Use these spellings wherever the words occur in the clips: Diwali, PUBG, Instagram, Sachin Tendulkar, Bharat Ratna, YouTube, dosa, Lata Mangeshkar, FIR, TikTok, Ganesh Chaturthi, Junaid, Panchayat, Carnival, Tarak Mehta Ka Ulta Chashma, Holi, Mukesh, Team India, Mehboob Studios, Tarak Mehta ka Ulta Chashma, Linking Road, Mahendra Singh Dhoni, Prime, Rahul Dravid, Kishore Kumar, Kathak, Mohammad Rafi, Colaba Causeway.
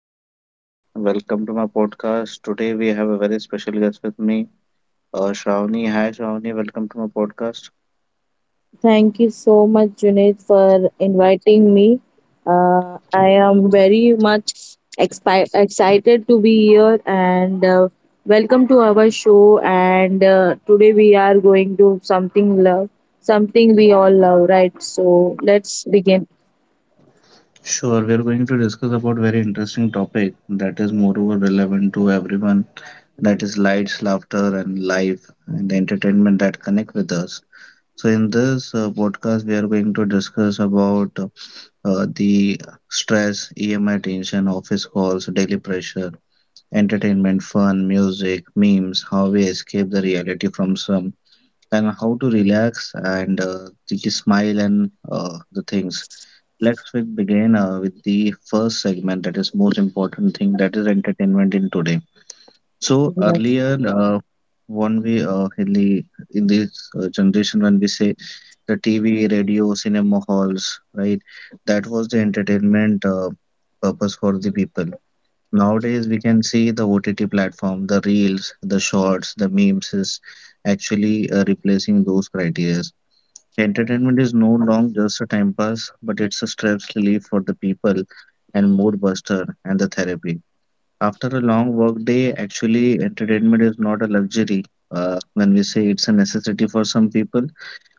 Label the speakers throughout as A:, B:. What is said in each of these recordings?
A: Junaid. Welcome to my podcast. Today we have a very special guest with me, Shravani. Hi, Shravani. Welcome to my podcast.
B: Thank you so much, Junaid, for inviting me. I am very much excited to be here, and welcome to our show. And Today we are going to something love, something we all love, right? So let's begin.
A: Sure, we are going to discuss about very interesting topic that is moreover relevant to everyone. That is lights, laughter, and life, and the entertainment that connect with us. So in this podcast, we are going to discuss about the stress, EMI tension, office calls, daily pressure entertainment, fun, music, memes, how we escape the reality from some, and how to relax and the smile and the things. Let's we begin with the first segment that is most important thing that is entertainment in today. So
B: Yes.
A: earlier, when we in the in this generation when we say the TV, radio, cinema halls, right? That was the entertainment purpose for the people. Nowadays, we can see the OTT platform, the reels, the shorts, the memes is actually replacing those criteria. Entertainment is no longer just a time pass, but it's a stress relief for the people and mood buster and the therapy. After a long work day, actually, entertainment is not a luxury. When we say it's a necessity for some people,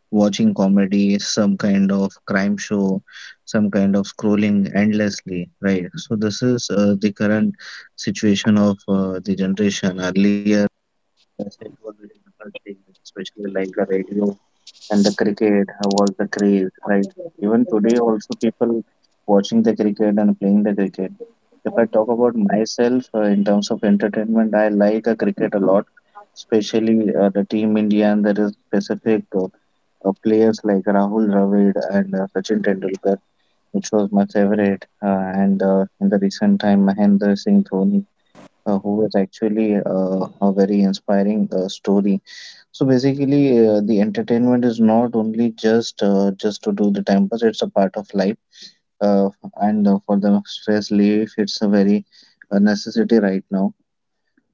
A: watching comedy, some kind of crime show, some kind of scrolling endlessly, right? So this is the current situation of the generation. Earlier, as it was a different thing, especially like the radio and the cricket was the craze, right? Even today, also people watching the cricket and playing the cricket. If I talk about myself in terms of entertainment, I like cricket a lot, especially the Team India and there is specific players like Rahul Dravid and Sachin Tendulkar, which was my favorite, and in the recent time Mahendra Singh Dhoni, who was actually a very inspiring story. So basically, the entertainment is not only just to do the time pass; it's a part of life, uh, and for the stress relief, it's a very necessity right now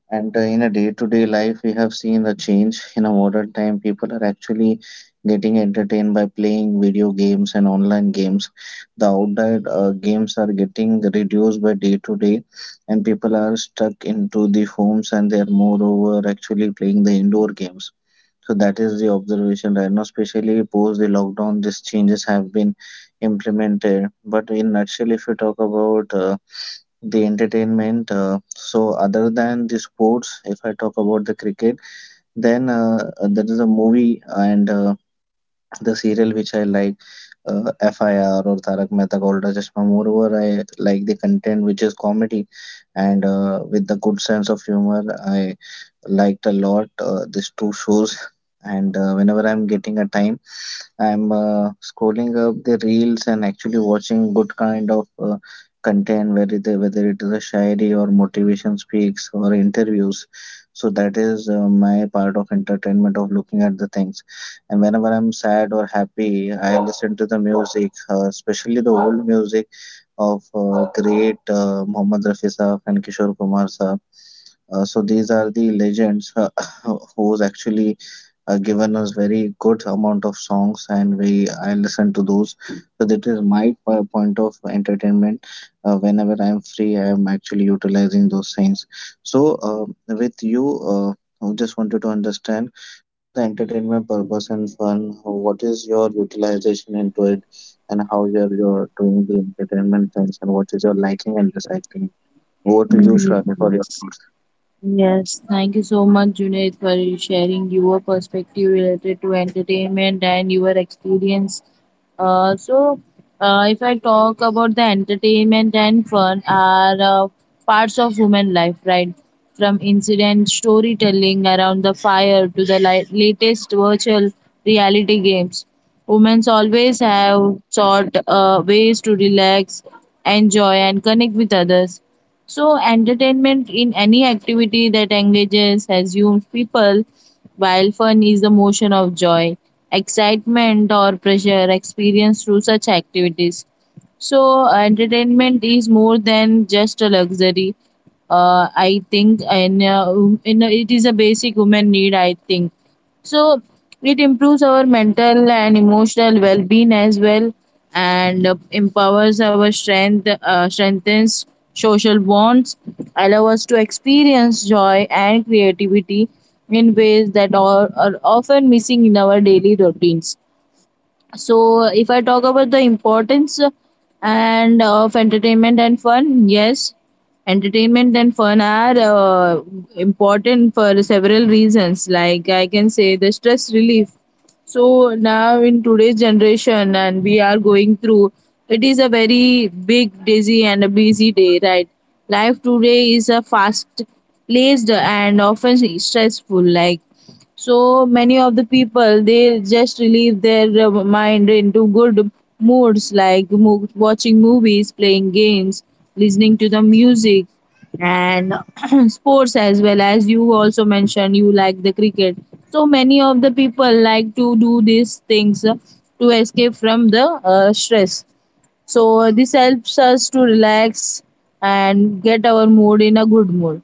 A: and in a day-to-day life, we have seen the change. In a modern time, people are actually getting entertained by playing video games and online games. The outdoor games are getting reduced by day to day, and people are stuck into the homes and they are moreover actually playing the indoor games. So that is the observation right now, especially post the lockdown, these changes have been implemented. But in nutshell, if you talk about the entertainment. So other than the sports, if I talk about the cricket, then there is a movie and the serial which I like, FIR or Tarak Mehta Ka Ulta Chashma. Moreover, I like the content which is comedy and with the good sense of humor. I liked a lot these two shows. And whenever I'm getting a time, I'm scrolling up the reels and actually watching good kind of content, whether it is a shayari or motivation speaks or interviews. So that is my part of entertainment of looking at the things. And whenever I'm sad or happy, I listen to the music, especially the old music of great Mohammad Rafi Saab and Kishore Kumar Saab. So these are the legends who's actually given us very good amount of songs, and we I listen to those. So that is my point of entertainment. Whenever I'm free, I'm actually utilizing those things. So with you, I just wanted to understand the entertainment purpose and fun. What is your utilization into it, and how you're doing the entertainment things, and what is your liking and disliking? Over to you, Shravani, for your thoughts.
B: Yes, thank you so much, Junaid, for sharing your perspective related to entertainment and your experience. Uh, so, if I talk about the entertainment and fun, are parts of human life, right? From incident storytelling around the fire to the latest virtual reality games, women always have sought ways to relax, enjoy, and connect with others. So, entertainment in any activity that engages assumes people, while fun is the motion of joy, excitement, or pleasure experienced through such activities. So, entertainment is more than just a luxury. I think, and it is a basic human need. I think so it improves our mental and emotional well-being as well, and empowers our strength, strengthens social bonds, allow us to experience joy and creativity in ways that are often missing in our daily routines. So, if I talk about the importance and of entertainment and fun, yes, entertainment and fun are important for several reasons. Like I can say, the stress relief. So now in today's generation, and we are going through, it is a very big, dizzy, and a busy day, right? Life today is a fast, paced and often stressful. Like so many of the people, they just relieve their mind into good moods, like watching movies, playing games, listening to the music, and sports. As well as you also mentioned you like the cricket, so many of the people like to do these things to escape from the stress. So this helps us to relax and get our mood in a good mood.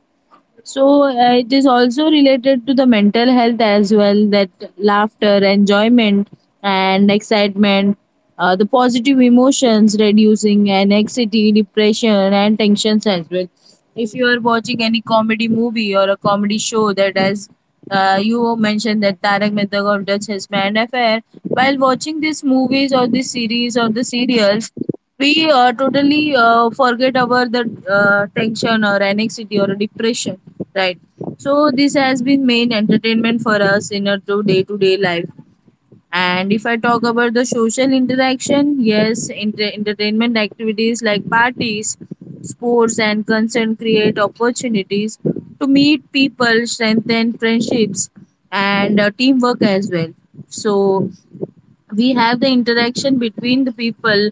B: So it is also related to the mental health as well, that laughter, enjoyment, and excitement, the positive emotions reducing anxiety, depression, and tensions as well. If you are watching any comedy movie or a comedy show, that as you mentioned, that Tarak Mehta ka Ulta Chashma and Affair, while watching these movies or these series or the serials, we totally forget about the tension or anxiety or depression, right? So this has been main entertainment for us in our to day life. And if I talk about the social interaction, yes, entertainment activities like parties, sports, and concert create opportunities to meet people, strengthen friendships, and teamwork as well. So we have the interaction between the people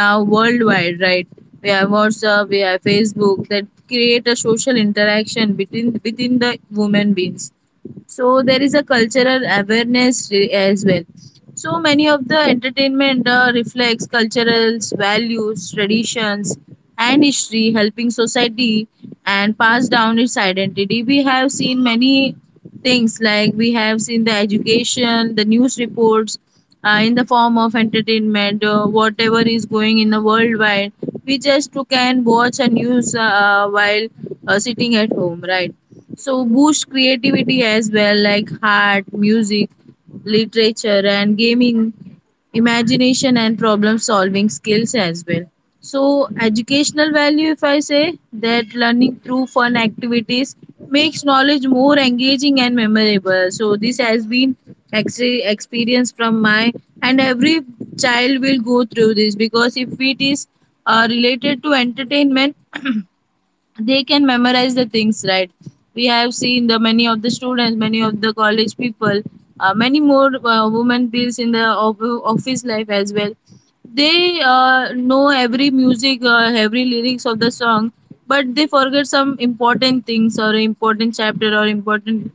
B: now worldwide, right? We have WhatsApp, we have Facebook, that create a social interaction between within the human beings. So there is a cultural awareness as well. So many of the entertainment reflects cultural values, traditions, and history, helping society and pass down its identity. We have seen many things like we have seen the education, the news reports, in the form of entertainment, whatever is going in the worldwide. We just can watch a news while sitting at home, right? So boost creativity as well, like art, music, literature, and gaming, imagination and problem solving skills as well. So educational value, if I say that learning through fun activities makes knowledge more engaging and memorable. So this has been experience from my, and every child will go through this, because if it is related to entertainment, they can memorize the things, right? We have seen the many of the students, many of the college people, many more women deals in the office life as well. They know every music, every lyrics of the song, but they forget some important things or important chapter or important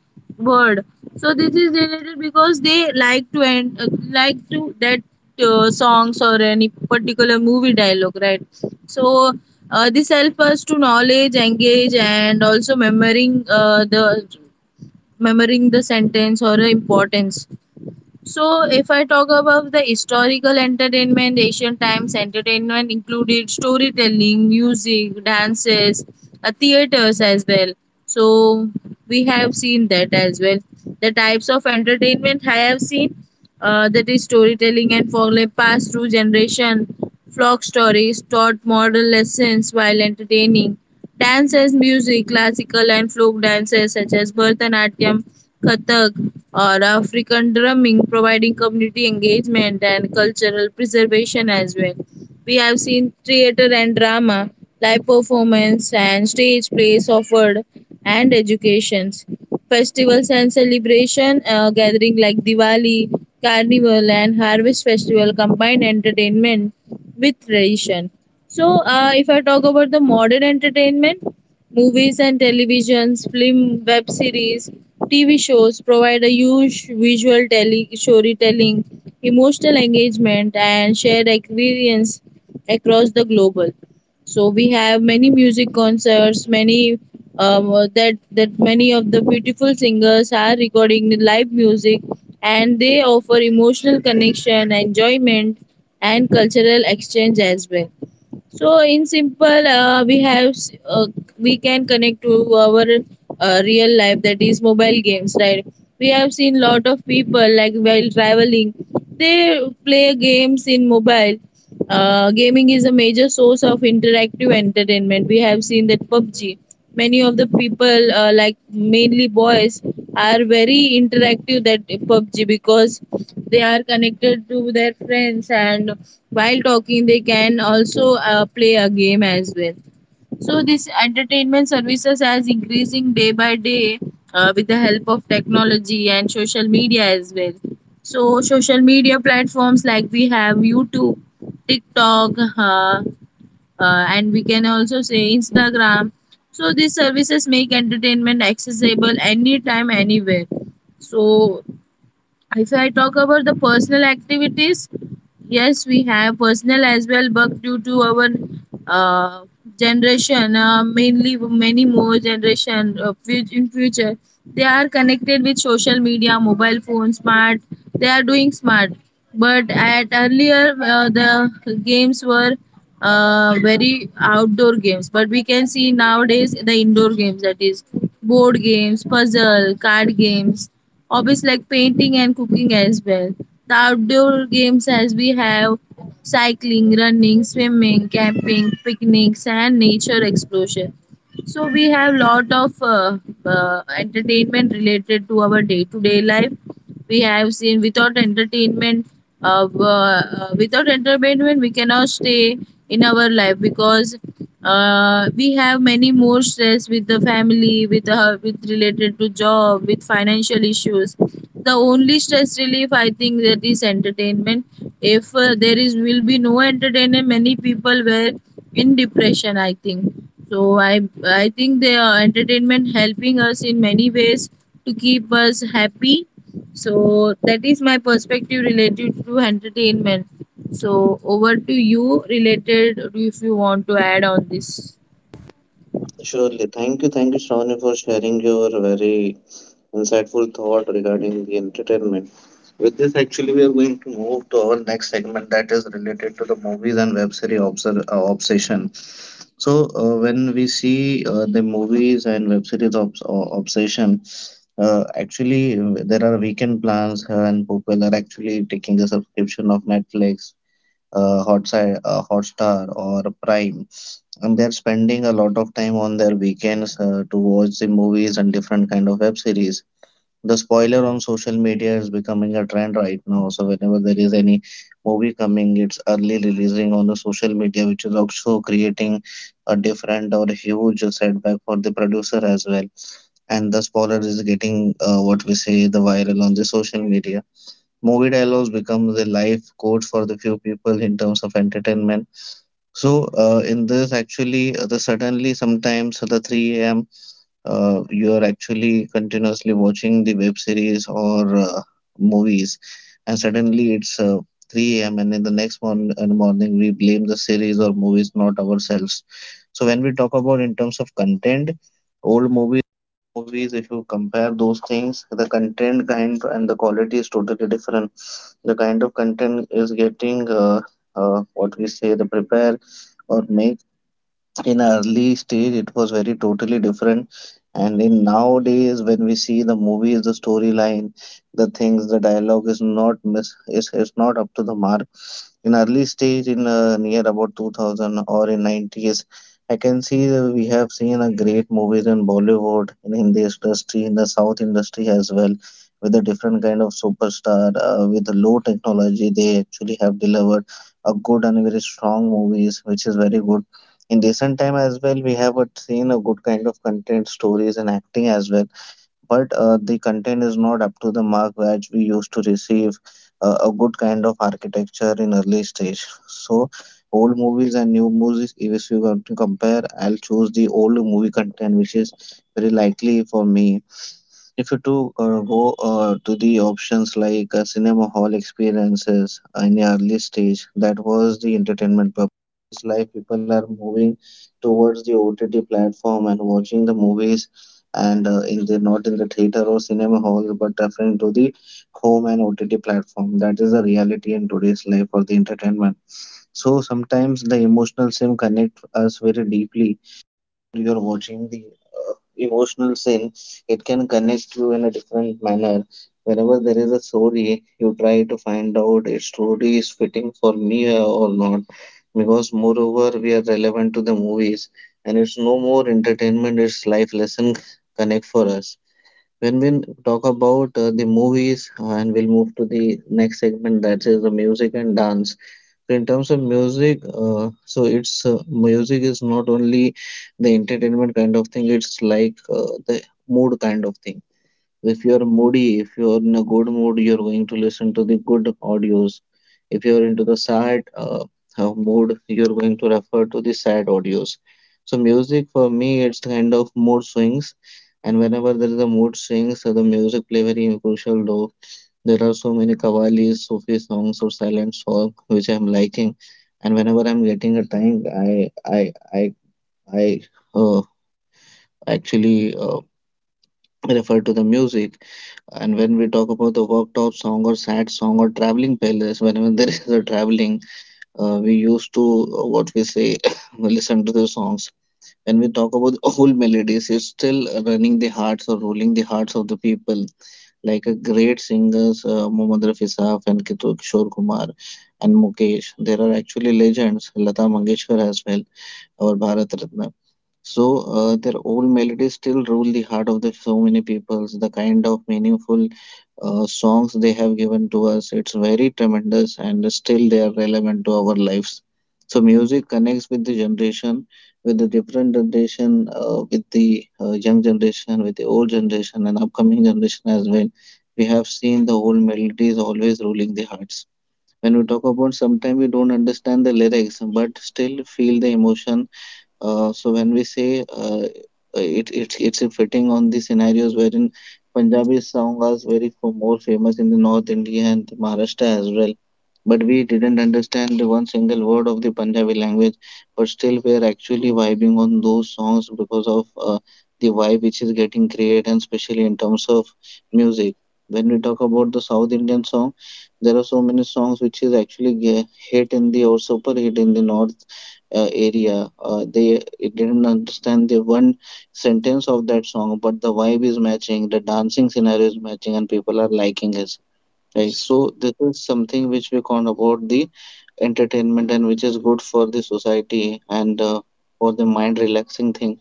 B: word. So this is related because they like to end, like to that songs or any particular movie dialogue, right? So this helps us to knowledge engage and also remembering the sentence or the importance. So if I talk about the historical entertainment, ancient times entertainment included storytelling, music, dances, theaters as well. So we have seen that as well. The types of entertainment I have seen, that is storytelling and folklore passed through generation. Flock stories taught moral lessons while entertaining. Dance as music, classical and folk dances such as Bharatanatyam, Kathak, or African drumming, providing community engagement and cultural preservation as well. We have seen theater and drama, live performance and stage plays offered, and educations, festivals and celebration gathering like Diwali, Carnival and Harvest Festival combine entertainment with tradition. So, if I talk about the modern entertainment, movies and televisions, film, web series, TV shows provide a huge visual storytelling, emotional engagement, and shared experience across the global. So we have many music concerts, many um, that that many of the beautiful singers are recording the live music, and they offer emotional connection, enjoyment, and cultural exchange as well. So in simple, we have uh, we can connect to our real life, that is mobile games, right? We have seen lot of people like while traveling, they play games in mobile. Gaming is a major source of interactive entertainment. We have seen that PUBG, many of the people, like mainly boys, are very interactive that PUBG, because they are connected to their friends, and while talking they can also play a game as well. So this entertainment services has increasing day by day with the help of technology and social media as well. So social media platforms, like we have YouTube, TikTok, uh, uh, and we can also say Instagram. So these services make entertainment accessible anytime, anywhere. So if I talk about the personal activities, yes, we have personal as well, but due to our uh, generation, mainly many more generation in future, they are connected with social media, mobile phone, smart. They are doing smart, but at earlier the games were very outdoor games, but we can see nowadays the indoor games, that is board games, puzzle, card games, hobbies like painting and cooking as well. The outdoor games, as we have cycling, running, swimming, camping, picnics and nature exploration. So we have lot of entertainment related to our day to day life. We have seen without entertainment, without entertainment we cannot stay in our life, because we have many more stress with the family, with related to job, with financial issues. The only stress relief, I think, that is entertainment. If there is will be no entertainment, many people were in depression, I think. So I think the entertainment helping us in many ways to keep us happy. So that is my perspective related to entertainment. So over to you related if you want to add on this.
A: Surely. Thank you. Thank you, Shravani, for sharing your very insightful thought regarding the entertainment. With this, actually, we are going to move to our next segment that is related to the movies and web series obsession. So, when we see the movies and web series obsession. Actually, there are weekend plans, and people are actually taking the subscription of Netflix, uh, Hotstar, or Prime, and they're spending a lot of time on their weekends to watch the movies and different kind of web series. The spoiler on social media is becoming a trend right now. So whenever there is any movie coming, it's early releasing on the social media, which is also creating a different or huge setback for the producer as well and the spoiler is getting what we say the viral on the social media. Movie dialogues become the life codes for the few people in terms of entertainment. So in this, actually, the suddenly sometimes the 3 a.m. You are actually continuously watching the web series or movies, and suddenly it's 3 a.m. and in the next morning we blame the series or movies, not ourselves. So when we talk about in terms of content, old movies, movies, if you compare those things, the content kind and the quality is totally different. The kind of content is getting what we say the prepare or make. In early stage it was very totally different, and in nowadays when we see the movies, the storyline, the things, the dialogue is not miss is not up to the mark. In early stage in near about 2000 or in 90s, I can see that we have seen a great movies in Bollywood, in Hindi industry, in the South industry as well, with a different kind of superstar with low technology. They actually have delivered a good and very strong movies, which is very good. In recent time as well, we have seen a good kind of content, stories and acting as well, but the content is not up to the mark which we used to receive. A good kind of architecture in early stage, so old movies and new movies, if you want to compare, I'll choose the old movie content, which is very likely for me. If you to go To the options like cinema hall experiences in the early stage, that was the entertainment purpose. Life people are moving towards the OTT platform and watching the movies, and in the not in the theater or cinema hall, but referring to the home and OTT platform. That is the reality in today's life for the entertainment. So sometimes the emotional sim connect us very deeply. You're watching the emotional scene, it can connect you in a different manner. Whenever there is a story, you try to find out its story is fitting for me or not. Because moreover, we are relevant to the movies, and it's no more entertainment; it's life lesson connect for us. When we talk about the movies, and we'll move to the next segment that is the music and dance. So in terms of music, so it's music is not only the entertainment kind of thing, it's like the mood kind of thing. If you're moody, if you're in a good mood, you're going to listen to the good audios. If you're into the sad mood, you're going to refer to the sad audios. So music for me, it's kind of mood swings, and whenever there is a mood swings, so the music play very crucial role. There are so many qawwalis, Sufi songs, or silent song which I'm liking, and whenever I'm getting a time, I uh, actually refer to the music. And when we talk about the worktop song or sad song or traveling playlist, whenever there is a traveling, we used to what we say listen to the songs. When we talk about the whole melodies, it's still running the hearts or rolling the hearts of the people, like a great singers Mohammad Rafi Saab and Kishore Kumar and Mukesh. There are actually legends, Lata Mangeshkar as well, our Bharat Ratna. So their old melodies still rule the heart of the so many peoples. The kind of meaningful songs they have given to us, it's very tremendous, and still they are relevant to our lives. So music connects with the generation, with the different generation, with the young generation, with the old generation, and upcoming generation as well. We have seen the old melody is always ruling the hearts. When we talk about, sometimes we don't understand the lyrics but still feel the emotion. So when we say It's a fitting on the scenarios wherein Punjabi songs are very for more famous in the North India and Maharashtra as well. But we didn't understand one single word of the Punjabi language, but still we are actually vibing on those songs because of the vibe which is getting created, and especially in terms of music. When we talk about the South Indian song, there are so many songs which is actually hit in the, or super hit in the North area. They it didn't understand the one sentence of that song, but the vibe is matching, the dancing scenario is matching, and people are liking it. Right. So this is something which we count about the entertainment, and which is good for the society, and for the mind relaxing thing.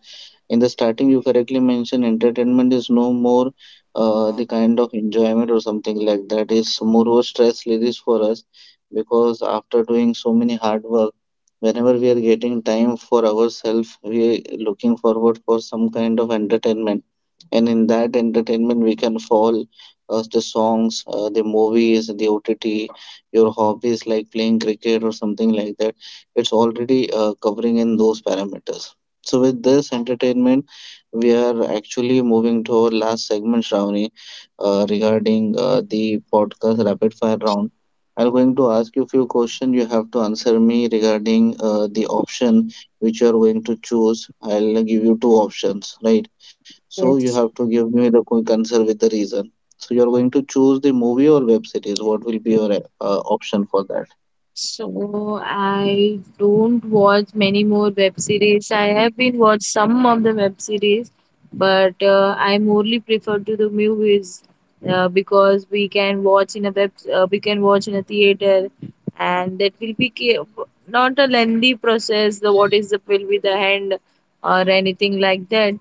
A: In the starting you correctly mentioned entertainment is no more the kind of enjoyment or something like that. It's more stress release for us because after doing so many hard work, whenever we are getting time for ourselves, we are looking forward for some kind of entertainment. And in that entertainment we can fall the songs, the movies, the OTT, your hobbies like playing cricket or something like that. It's already covering in those parameters. So with this entertainment, we are actually moving to our last segment, Shravani, regarding the podcast rapid fire round. I'm going to ask you a few questions. You have to answer me regarding the option which you are going to choose. I'll give you two options, right? So you
B: Yes.
A: have to give me the quick answer with the reason. So you are going to choose the movie or web series. What will be your option for that?
B: So I don't watch many more web series. I have been watched some of the web series, but I morely prefer to the movies, because we can watch in a web, we can watch in a theater, and that will be not a lengthy process. The what is the will be the hand, or anything like that.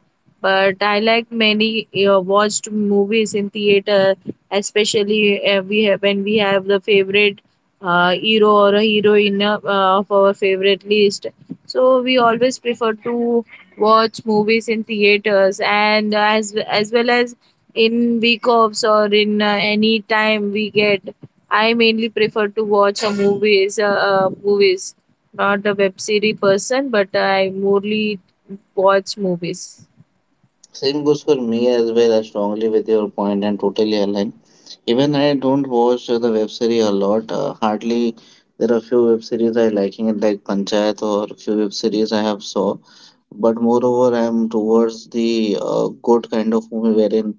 B: But I like many watched movies in theater, especially we have when we have the favorite hero or a heroine of our favorite list. So we always prefer to watch movies in theaters, and as well as in week offs or in any time we get. I mainly prefer to watch a movies, movies. Not a web series person, but I mostly watch movies.
A: Same goes for me as well. I strongly with your point and totally align. Even I don't watch the web series a lot. Hardly there are few web series I liking it, like Panchayat, or few web series I have saw. But moreover, I am towards the good kind of movie, wherein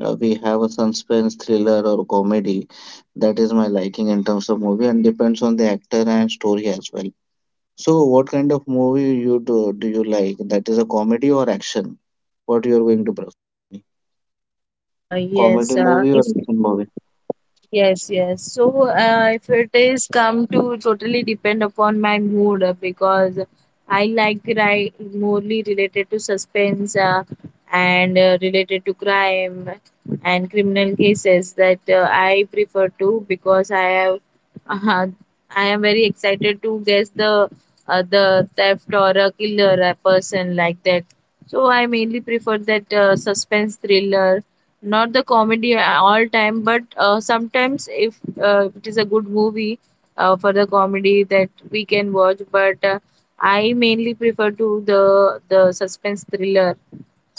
A: we have a suspense thriller or comedy. That is my liking in terms of movie, and depends on the actor and story as well. So, what kind of movie you do you like? That is a comedy or action? What you are going to prefer?
B: Uh,
A: Comedy
B: yes,
A: movie
B: uh,
A: or
B: if
A: action movie?
B: Yes, yes. So, if it is come to totally depend upon my mood, because I like cry, morely related to suspense, and related to crime and criminal cases, that I prefer to, because I have uh, I am very excited to guess the theft or a killer a person like that. So I mainly prefer that suspense thriller, not the comedy all time, but sometimes if it is a good movie for the comedy, that we can watch, but I mainly prefer to the suspense thriller.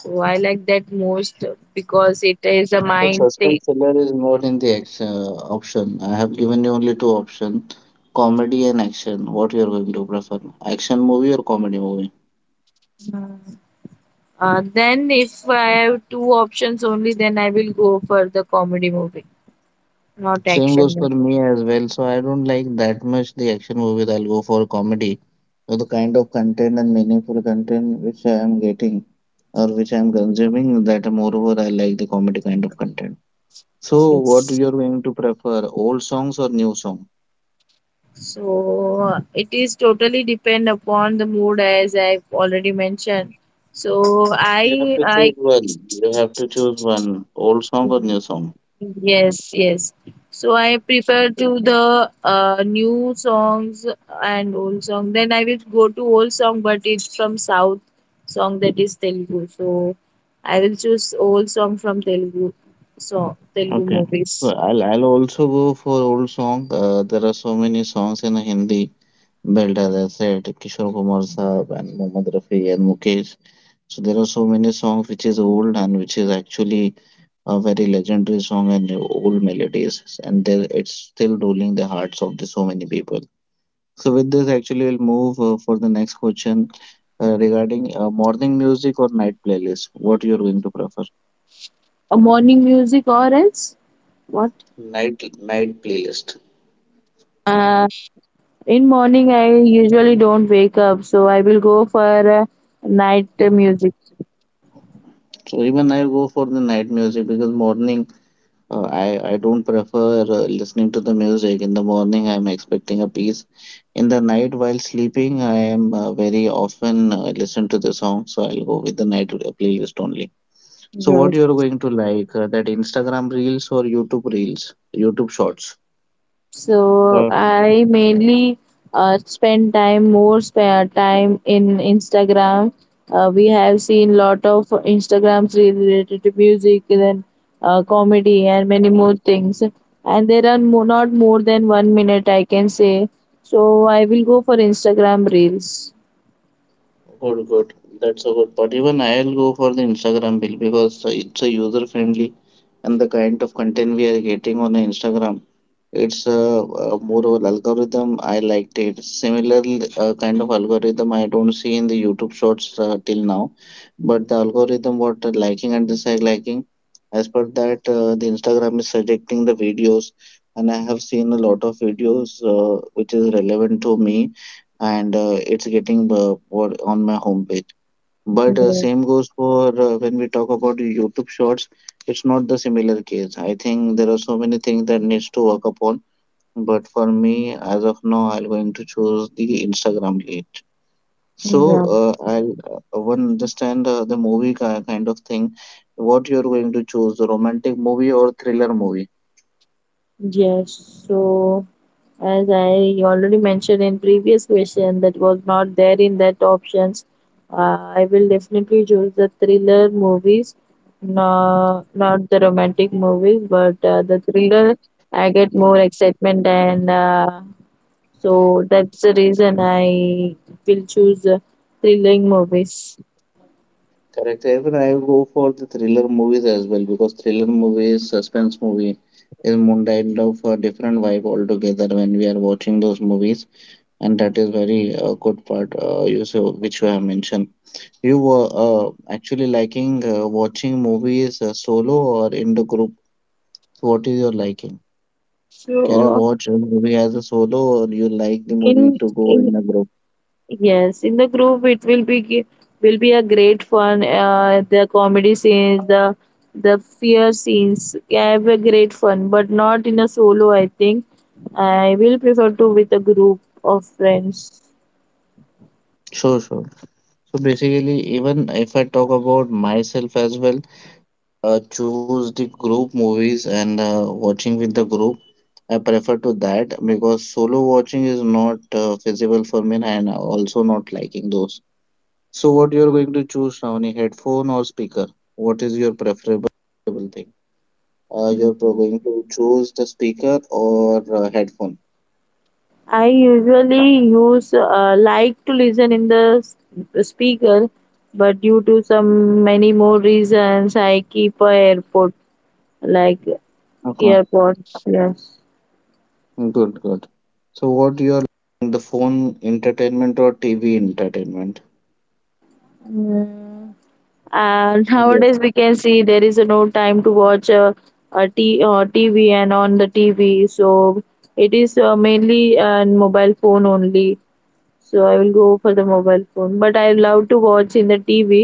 B: So I like that most, because it is a
A: But
B: mind thing.
A: suspense thriller is not in the action option. I have given you only two options, comedy and action. What you are going to prefer? Action movie or comedy movie?
B: Then if I have two options only, then I will go for the comedy movie, not
A: Same
B: action
A: goes for
B: movie.
A: me as well. So I don't like that much the action movies. I'll go for comedy. So the kind of content and meaningful content which I am getting or which I am consuming, that moreover I like the comedy kind of content. So, what
B: Yes.
A: you're going to prefer, old songs or new song?
B: So it is totally depend upon the mood, as I've already mentioned. So
A: You have
B: I
A: to choose
B: I
A: one. You have to choose one, old song or new song.
B: Yes, yes. So I prefer to the new songs. And old song, then I will go to old song, but it's from South song, that is Telugu. So I will choose old song from Telugu song, Telugu
A: Okay.
B: movies.
A: So I'll also go for old song. There are so many songs in Hindi belt, as I said, Kishore Kumar Saab and Mohammad Rafi and Mukesh. So there are so many songs which is old and which is actually a very legendary song and old melodies, and there it's still ruling the hearts of the so many people. So with this, actually, we'll move for the next question regarding morning music or night playlist. What you're going to prefer?
B: A morning music or else what?
A: Night playlist.
B: In morning, I usually don't wake up, so I will go for night music.
A: So even I go for the night music, because morning uh, I I don't prefer listening to the music. In the morning, I'm expecting a peace. In the night, while sleeping, I am very often listen to the song. So I'll go with the night playlist only. So what
B: Yes.
A: you're going to like, that Instagram reels or YouTube reels, YouTube shorts?
B: So I mainly spend time more spare time in Instagram. We have seen lot of Instagrams related to music, and then comedy, and many more things. And there are not more than 1 minute, I can say. So I will go for Instagram reels.
A: Good, good. That's a good. But even I'll go for the Instagram bill, because it's a user friendly and the kind of content we are getting on Instagram. It's a more of an algorithm. I liked it. Similar kind of algorithm I don't see in the YouTube shorts till now, but the algorithm what liking and dislike liking. As per that, the Instagram is suggesting the videos, and I have seen a lot of videos which is relevant to me, and it's getting what- on my homepage. But
B: Yeah.
A: same goes for when we talk about YouTube shorts. It's not the similar case. I think there are so many things that needs to work upon, but for me, as of now, I'm going to choose the Instagram lead. So
B: Yeah.
A: I'll one understand the movie kind of thing. What you're going to choose, the romantic movie or thriller movie?
B: Yes. So. As I already mentioned in previous question that was not there in that options, uh, I will definitely choose the thriller movies, no, not the romantic movies, but the thriller I get more excitement and so that's the reason I will choose thrilling movies.
A: Correct. Even I go for the thriller movies as well, because thriller movies, suspense movie is more kind of a different vibe altogether when we are watching those movies, and that is very good part. You so which you have mentioned. You were actually liking watching movies solo or in the group? So what is your liking? Can you
B: So
A: watch a movie as a solo, or you like the movie to go
B: in
A: in a group?
B: yes, in the group it will be will be a great fun. The comedy scenes, the fear scenes, have a great fun, but not in a solo. I think I will prefer to with a group of friends.
A: Sure, sure. So basically, even if I talk about myself as well, choose the group movies and watching with the group. I prefer to that because solo watching is not feasible for me, and I also not liking those. So what you're going to choose, Shravani, headphone or speaker? What is your preferable thing? You're going to choose the speaker or headphone.
B: I usually use like to listen in the speaker, but due to some many more reasons, I keep a airport like
A: Okay,
B: earpods. Yes.
A: good, good. So what you're, the phone entertainment or TV entertainment?
B: Mm. And nowadays we can see there is no time to watch tv and on the tv, so it is mainly on mobile phone only, so I will go for the mobile phone, but I love to watch in the tv,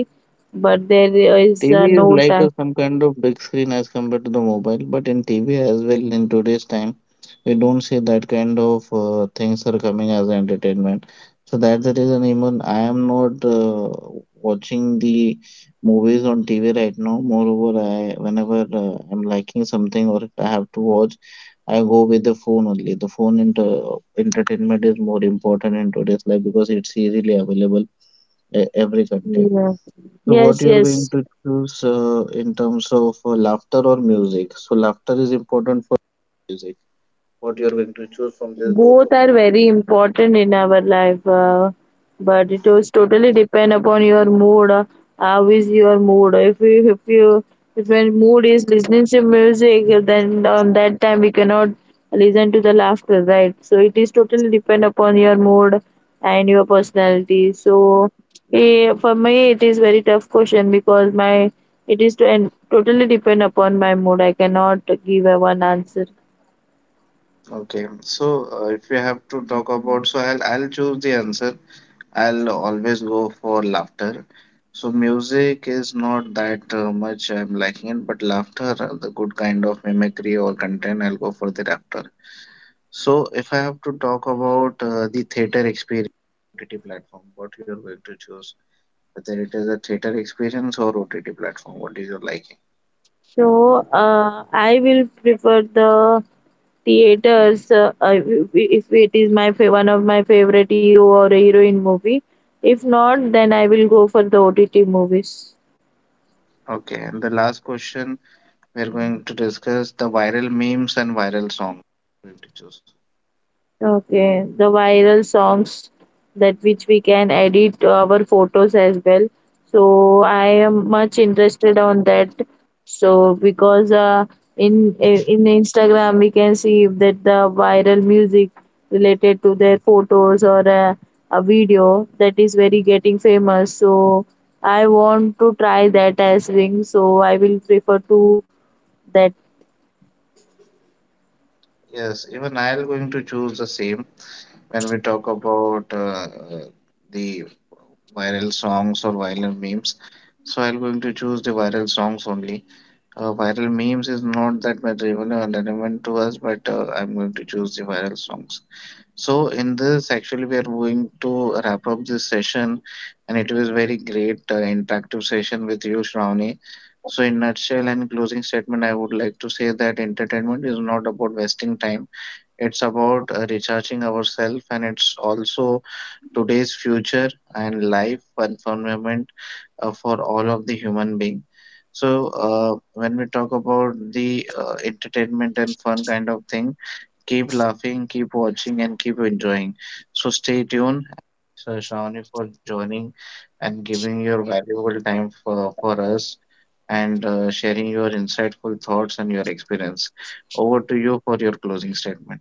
B: but there is
A: TV is
B: no
A: like a,
B: time.
A: some kind of big screen as compared to the mobile, but in TV as well in today's time, we don't see that kind of things are coming as entertainment. So that's the reason even I am not watching the movies on TV right now. Moreover, I whenever I'm liking something, or if I have to watch, I go with the phone only. The phone inter- entertainment is more important in today's life, because it's easily available every content.
B: Yeah.
A: So what
B: Yes,
A: you're going
B: yes.
A: to choose in terms of laughter or music? So laughter is important for music. What you're going to choose from these both options?
B: Both are very important in our life, but it was totally depend upon your mood. Uh, how is your mood? If you if you if your mood is listening to music, then on that time we cannot listen to the laughter, right? So it is totally depend upon your mood and your personality, so for me it is very tough question because my it is to and totally depend upon my mood. I cannot give a one answer.
A: Okay, so if you have to talk about, so I'll choose the answer. I'll always go for laughter. So music is not that much I'm liking it, but laughter, the good kind of mimicry or content, I'll go for the laughter. So if I have to talk about the theater experience, OTT platform, what you're going to choose? Whether it is a theater experience or OTT platform. What is your liking?
B: So I will prefer the theaters if it is my one of my favorite hero or heroine movie. If not, then I will go for the OTT movies.
A: Okay, and the last question we're going to discuss, the viral memes and viral songs. Going to choose.
B: Okay, the viral songs that which we can edit our photos as well. So I am much interested on that. So because in Instagram, we can see that the viral music related to their photos or a video that is very getting famous. So I want to try that as thing. So I will prefer to that.
A: Yes, even I'll going to choose the same when we talk about the viral songs or viral memes. So I'm going to choose the viral songs only. Viral memes is not that much relevant to us, but I'm going to choose the viral songs. So, in this, actually, we are going to wrap up this session, and it was very great interactive session with you, Shravani. So, in nutshell and closing statement, I would like to say that entertainment is not about wasting time. It's about recharging ourselves, and it's also today's future and life environment for all of the human being. So, when we talk about the entertainment and fun kind of thing, keep laughing, keep watching, and keep enjoying. So stay tuned. So Shravani, for joining and giving your valuable time for us, and sharing your insightful thoughts and your experience. Over to you for your closing statement.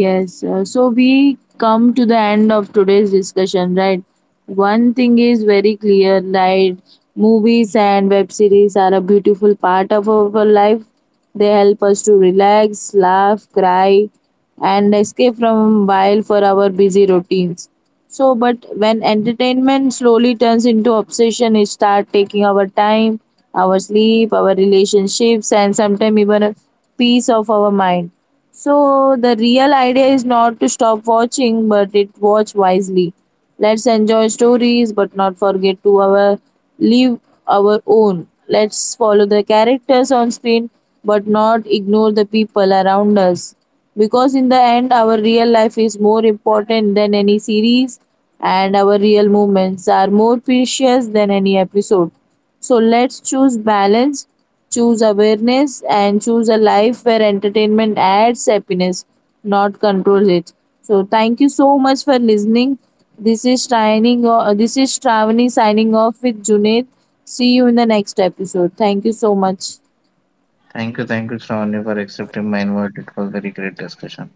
B: Yes, so we come to the end of today's discussion, right? One thing is very clear, right? Movies and web series are a beautiful part of our life. They help us to relax, laugh, cry, and escape from while for our busy routines. So, but when entertainment slowly turns into obsession, it start taking our time, our sleep, our relationships, and sometimes even a piece of our mind, so the real idea is not to stop watching, but it watch wisely. Let's enjoy stories, but not forget to our live our own. Let's follow the characters on screen, but not ignore the people around us. Because in the end, our real life is more important than any series, and our real moments are more precious than any episode. So let's choose balance, choose awareness, and choose a life where entertainment adds happiness, not controls it. So thank you so much for listening. This is signing. This is Shravani signing off with Junaid. See you in the next episode. Thank you so much.
A: Thank you, Shravani, for accepting my invite. It was very great discussion.